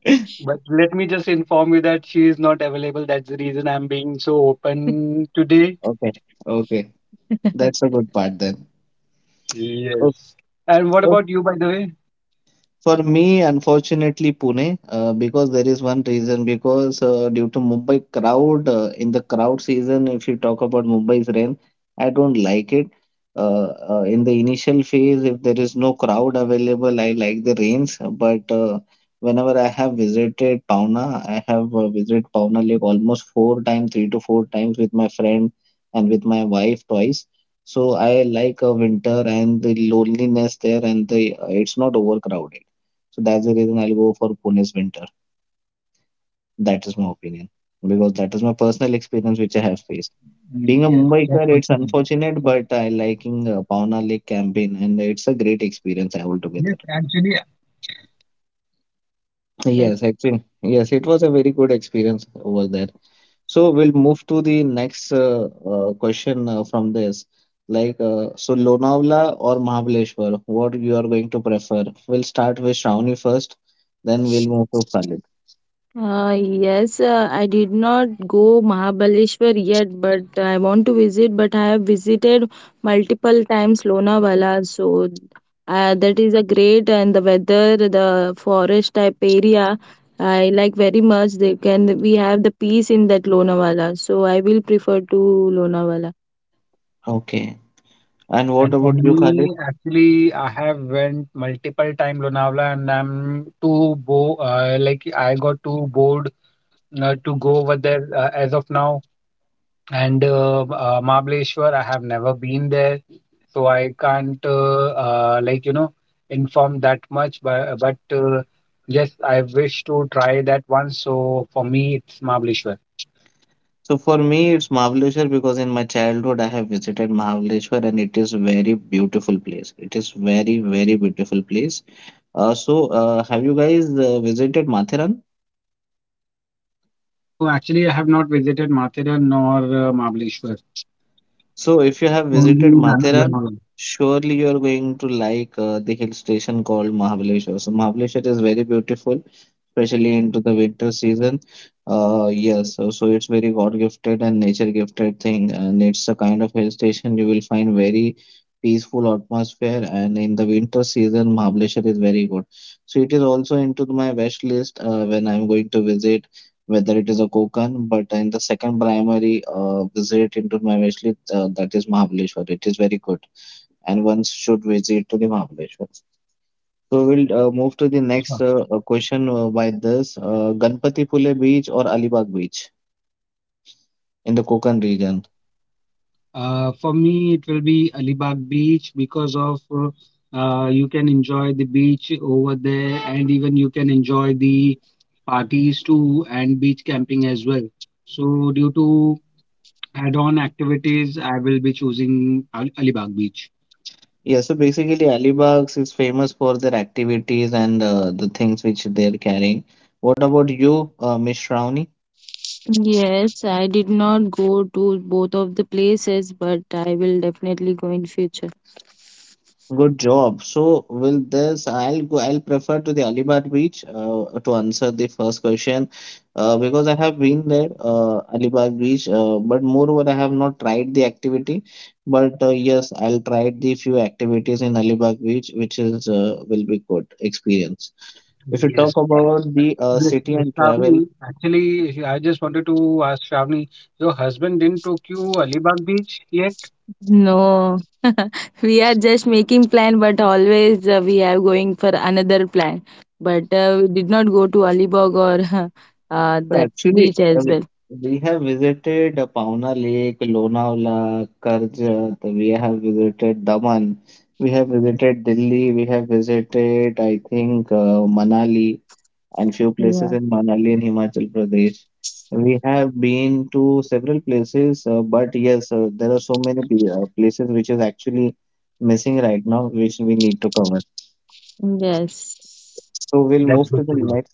but let me just inform you that she is not available. That's the reason I'm being so open today. Okay, okay, that's a good part then. Okay. Yes. And what about you, by the way? For me, unfortunately, Pune, because there is one reason, because due to Mumbai crowd, in the crowd season, if you talk about Mumbai's rain, I don't like it. In the initial phase, if there is no crowd available, I like the rains. But whenever I have visited Pauna, I have visited Pauna Lake almost four times, three to four times with my friend and with my wife twice. So I like winter and the loneliness there, and the it's not overcrowded. So that's the reason I'll go for Pune's winter. That is my opinion because that is my personal experience which I have faced. Being a Yes, that's Mumbaiker, good it's to know. unfortunate, but I liking Pauna Lake campaign and it's a great experience Yes, altogether. actually, Yes. Yes, actually, yes, it was a very good experience over there. So we'll move to the next question from this. Like, so Lonavala or Mahabaleshwar, what you are going to prefer? We'll start with Shravani first, then we'll move to Khalid. Yes, I did not go Mahabaleshwar yet, but I want to visit. But I have visited multiple times Lonavala, so that is a great, and the weather, the forest type area, I like very much. They can we have the peace in that Lonavala, so I will prefer to Lonavala. Okay. And what and for about you, Khalid? me, actually, I have went multiple time Lonavala, and I'm too bo like I got too bored to go over there as of now. And Mahabaleshwar, I have never been there, so I can't like you know inform that much. But yes, I wish to try that once. So for me, it's Mahabaleshwar. So for me, it's Mahabaleshwar because in my childhood I have visited Mahabaleshwar and it is very beautiful place. It is very, very beautiful place. So have you guys visited Matheran? No, actually, I have not visited Mathura nor Mahabaleshwar. So if you have Only visited Matheran, Lonavala. surely you are going to like the hill station called Mahabaleshwar. So Mahabaleshwar is very beautiful. Especially into the winter season. Yes, so it's very God gifted and nature gifted thing, and it's a kind of hill station you will find very peaceful atmosphere. And in the winter season, Mahabaleshwar is very good. So it is also into my wish list when I'm going to visit, whether it is a Konkan, but in the second primary visit into my wish list, that is Mahabaleshwar. It is very good, and one should visit to the Mahabaleshwar. So we'll move to the next question by this Ganpati Phule Beach or Alibag Beach in the Konkan region. For me, it will be Alibag Beach because of you can enjoy the beach over there, and even you can enjoy the parties too and beach camping as well. So, due to add-on activities, I will be choosing Al Alibag Beach. Yeah, so basically Alibag is famous for their activities and the things which they're carrying. What about you, Miss Shravani? Yes, I did not go to both of the places, but I will definitely go in future. Good job. So will this, I'll go. I'll prefer to the Alibaug beach to answer the first question, because I have been there, Alibaug beach. But moreover, I have not tried the activity. But yes, I'll try the few activities in Alibaug beach, which is will be good experience. If you Yes. talk about the Yes, city yes, and travel, Shravani, actually, I just wanted to ask Shravani, your husband didn't took you Alibag Beach yet? No, we are just making plan, but always we are going for another plan. But we did not go to Alibag or so that actually, beach uh, as we well. we have visited Pauna Lake, Lonavala, Karjat, we have visited Daman, we have visited Delhi, we have visited, I think, Manali and few places Yeah. in Manali in Himachal Pradesh. We have been to several places, but yes, there are so many places which is actually missing right now, which we need to cover. Yes. So we'll That's move to good the to know. next.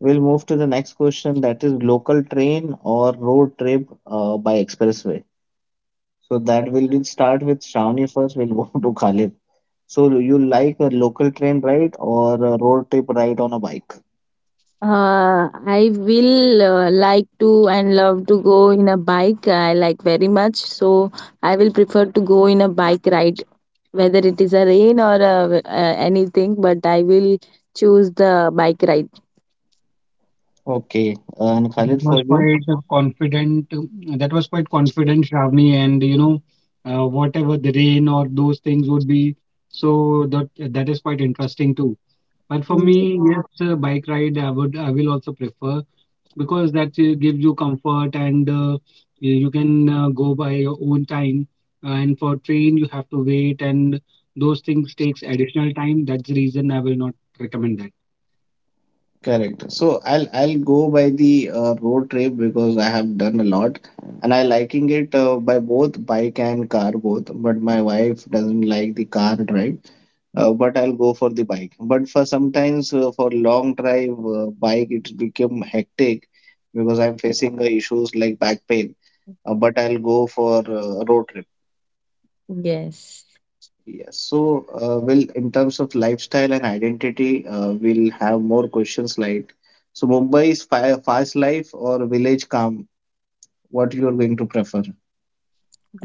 We'll move to the next question that is local train or road trip by expressway. So that will we'll start with Shravani first, we'll go to Khalid. So you like a local train ride or a road trip ride on a bike? I will like to and love to go in a bike. I like very much, so I will prefer to go in a bike ride, whether it is a rain or anything, but I will choose the bike ride. Okay, and That Khalid was for you? quite a confident. That was quite confident, Shravani, and you know, whatever the rain or those things would be. So that is quite interesting too. But for Mm, me, yes, bike ride I will also prefer, because that gives you comfort, and you can go by your own time. And for train, you have to wait, and those things takes additional time. That's the reason I will not recommend that. Correct. So I'll go by the road trip because I have done a lot and I liking it by both bike and car both, but my wife doesn't like the car drive. But I'll go for the bike. But for sometimes for long drive bike, it become hectic because I'm facing issues like back pain. But I'll go for road trip. yes. Yes. So, well, in terms of lifestyle and identity, we'll have more questions like, so Mumbai is fi fast life or village calm? What you are going to prefer?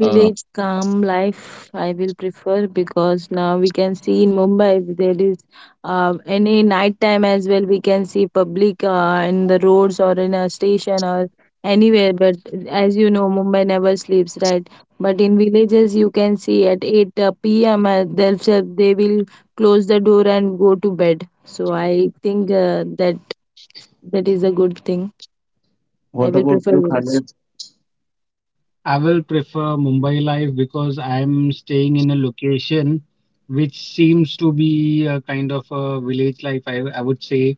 Uh, calm life, I will prefer because now we can see in Mumbai if there is any night time as well. We can see public in the roads or in a station or anywhere. But as you know, Mumbai never sleeps, right? But in villages, you can see at 8 p.m. Themselves they will close the door and go to bed. So I think that is a good thing. I what will about prefer you, village. Khalid? I will prefer Mumbai life because I'm staying in a location which seems to be a kind of a village life, I would say,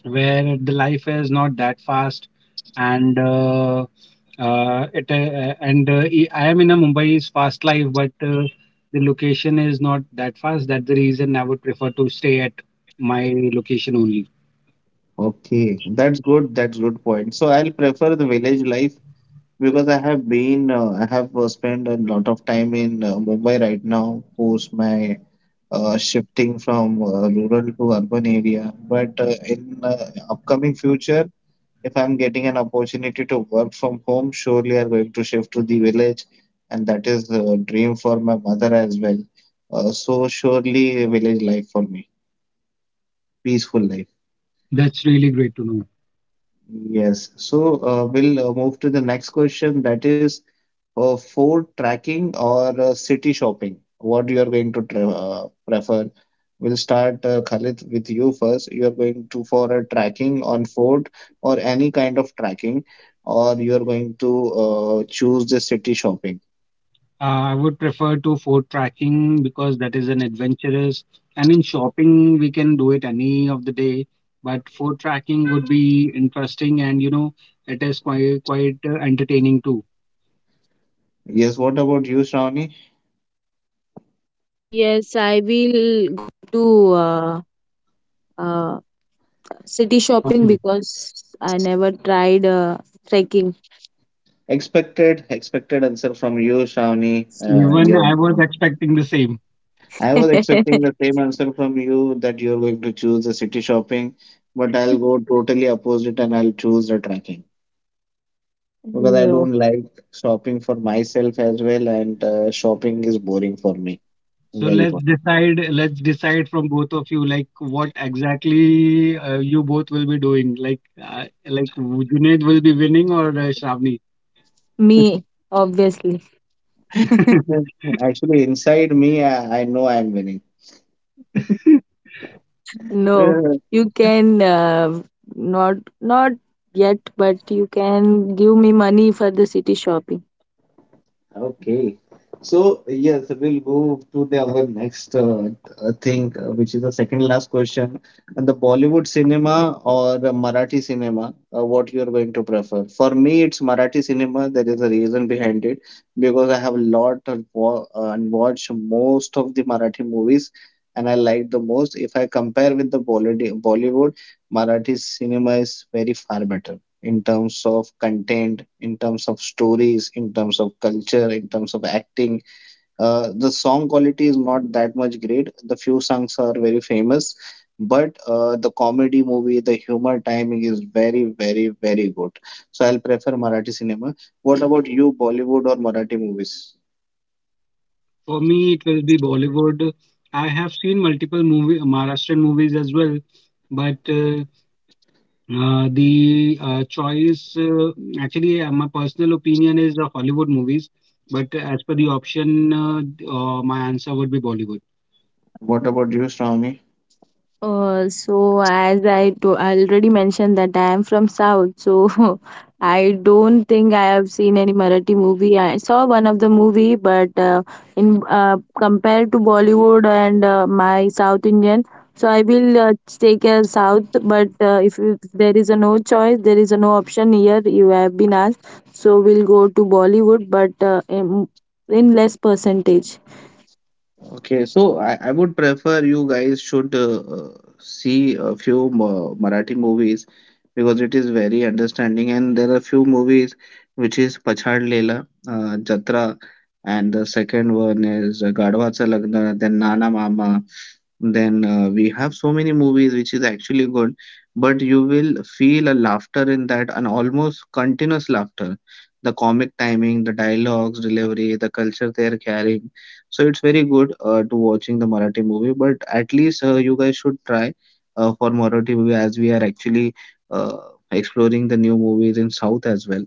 where the life is not that fast, and it I am in a Mumbai's fast life, but the location is not that fast. That's the reason I would prefer to stay at my location only. Okay, that's good. That's good point. So I'll prefer the village life because I have spent a lot of time in Mumbai right now, post my shifting from rural to urban area. But in upcoming future, if I'm getting an opportunity to work from home, surely I'm going to shift to the village, and that is a dream for my mother as well. So surely village life for me, peaceful life. That's really great to know. Yes. So we'll move to the next question that is for tracking or city shopping, what you are going to tra prefer? We'll start Khalid with you first. You are going to for a tracking on Ford or any kind of tracking, or you are going to choose the city shopping. I would prefer to for tracking because that is an adventurous. And in shopping, we can do it any of the day. But for tracking would be interesting, and you know, it is quite entertaining too. Yes. What about you, Shravani? City shopping, Shopping. because I never tried trekking. Expected answer from you, Shravani. Even Yeah. I was expecting the same. I was expecting the same answer from you that you're going to choose the city shopping, but I'll go totally opposite and I'll choose the trekking because I You, don't like shopping for myself as well, and shopping is boring for me. So Very let's boring. decide. Let's decide from both of you, like what exactly you both will be doing. Like Junaid will be winning or Shravani. me, obviously. Actually, inside me, I know I'm winning. No, you can not not yet, but you can give me money for the city shopping. Okay. So, yes, we'll move to the our next thing, which is the second last question. And the Bollywood cinema or the Marathi cinema, what you're going to prefer? For me, it's Marathi cinema. There is a reason behind it because I have a lot of wa and watch most of the Marathi movies, and I like the most. If I compare with the Bollywood, Bollywood, Marathi cinema is very far better in terms of content, in terms of stories, in terms of culture, in terms of acting. The song quality is not that much great. The few songs are very famous, but the comedy movie, the humor timing is very, very, very good. So I'll prefer Marathi cinema. What about you, Bollywood or Marathi movies? For me, it will be Bollywood. I have seen multiple movie Maharashtrian movies as well, but the choice actually, my personal opinion is the Hollywood movies. But as per the option, my answer would be Bollywood. What about you, Shravani? So as I to already mentioned that I am from South, so I don't think I have seen any Marathi movie. I saw one of the movie, but in compared to Bollywood and my South Indian, so I will take a South. But if there is a no choice, there is a no option here. You have been asked, so we'll go to Bollywood, but in less percentage. Okay, so I would prefer you guys should see a few Marathi movies because it is very understanding and there are few movies which is Pachhad Leela, Jatra and the second one is Gadhva Cha Lagna, then Nana Mama then we have so many movies which is actually good, but you will feel a laughter in that and almost continuous laughter. The comic timing, the dialogues, delivery, the culture they are carrying. So it's very good to watching the Marathi movie, but at least you guys should try for Marathi movie as we are actually exploring the new movies in South as well.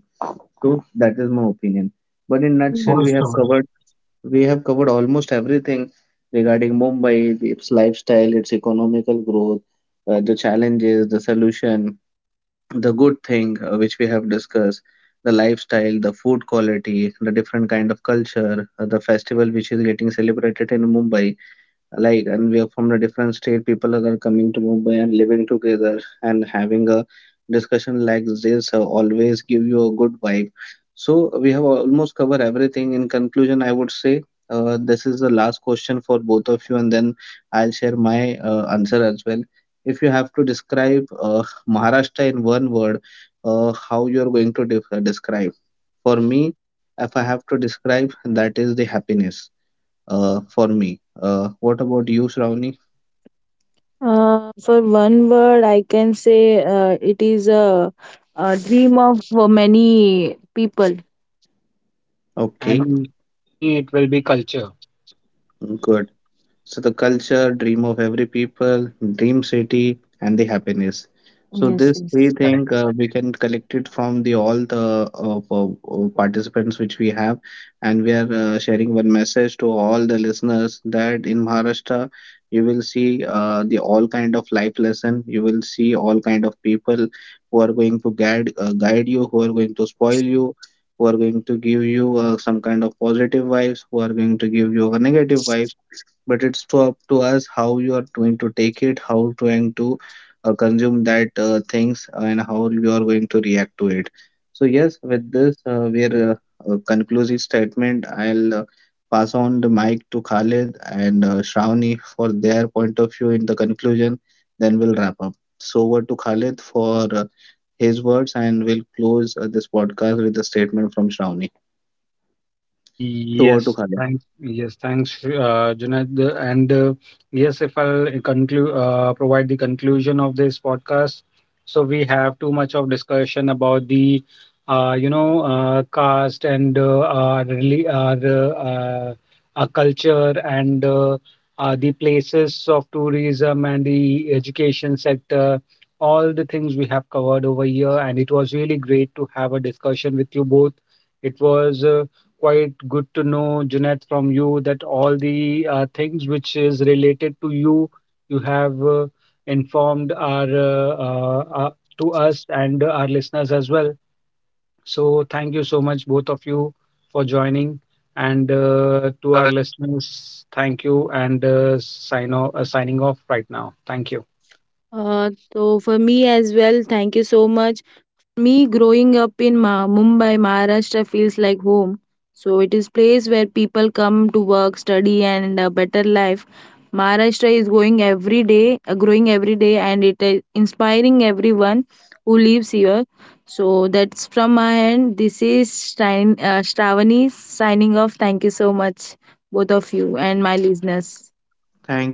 So that is my opinion. But in nutshell, we have Also, covered. We have covered almost everything regarding Mumbai, its lifestyle, its economical growth, the challenges, the solution, the good thing which we have discussed, the lifestyle, the food quality, the different kind of culture, the festival which is getting celebrated in Mumbai like and we are from the different state people are coming to Mumbai and living together and having a discussion like this always give you a good vibe. So we have almost covered everything. In conclusion, I would say this is the last question for both of you, and then I'll share my answer as well. If you have to describe Maharashtra in one word, how you are going to describe? For me, if I have to describe, that is the happiness for me. What about you, Shravani? For one word, I can say a dream of many people. Okay, and for me, it will be culture. good. So the culture, dream of every people, dream city, and the happiness. So Yes, this three yes. Correct. thing we can collect it from the all the participants which we have, and we are sharing one message to all the listeners that in Maharashtra you will see the all kind of life lesson. You will see all kind of people who are going to guide you, who are going to spoil you, who are going to give you some kind of positive vibes, who are going to give you a negative vibes, but it's to up to us how you are going to take it, how to going to consume that things, and how you are going to react to it. So yes, with this, we are conclusive statement. I'll pass on the mic to Khalid and Shravani for their point of view in the conclusion. Then we'll wrap up. So over to Khalid for his words, and we'll close this podcast with a statement from Shravani. So over to Yes, Khalid. thank yes, thanks, Junaid. And yes, if I'll conclude, provide the conclusion of this podcast. So we have too much of discussion about the, you know, caste and our our culture and the places of tourism and the education sector. All the things we have covered over here, and it was really great to have a discussion with you both. It was. Quite good to know, Junaid, from you that all the things which is related to you, you have informed our to us and our listeners as well. So thank you so much, both of you, for joining. And to our listeners, thank you and sign off, signing off right now. Thank you. Is like home. So it is place where people come to work, study and a better life. Maharashtra is going every day, growing every day, and it is inspiring everyone who lives here. So that's from my end. This is Shravani signing off. Thank you so much, both of you and my listeners. Thank you so much.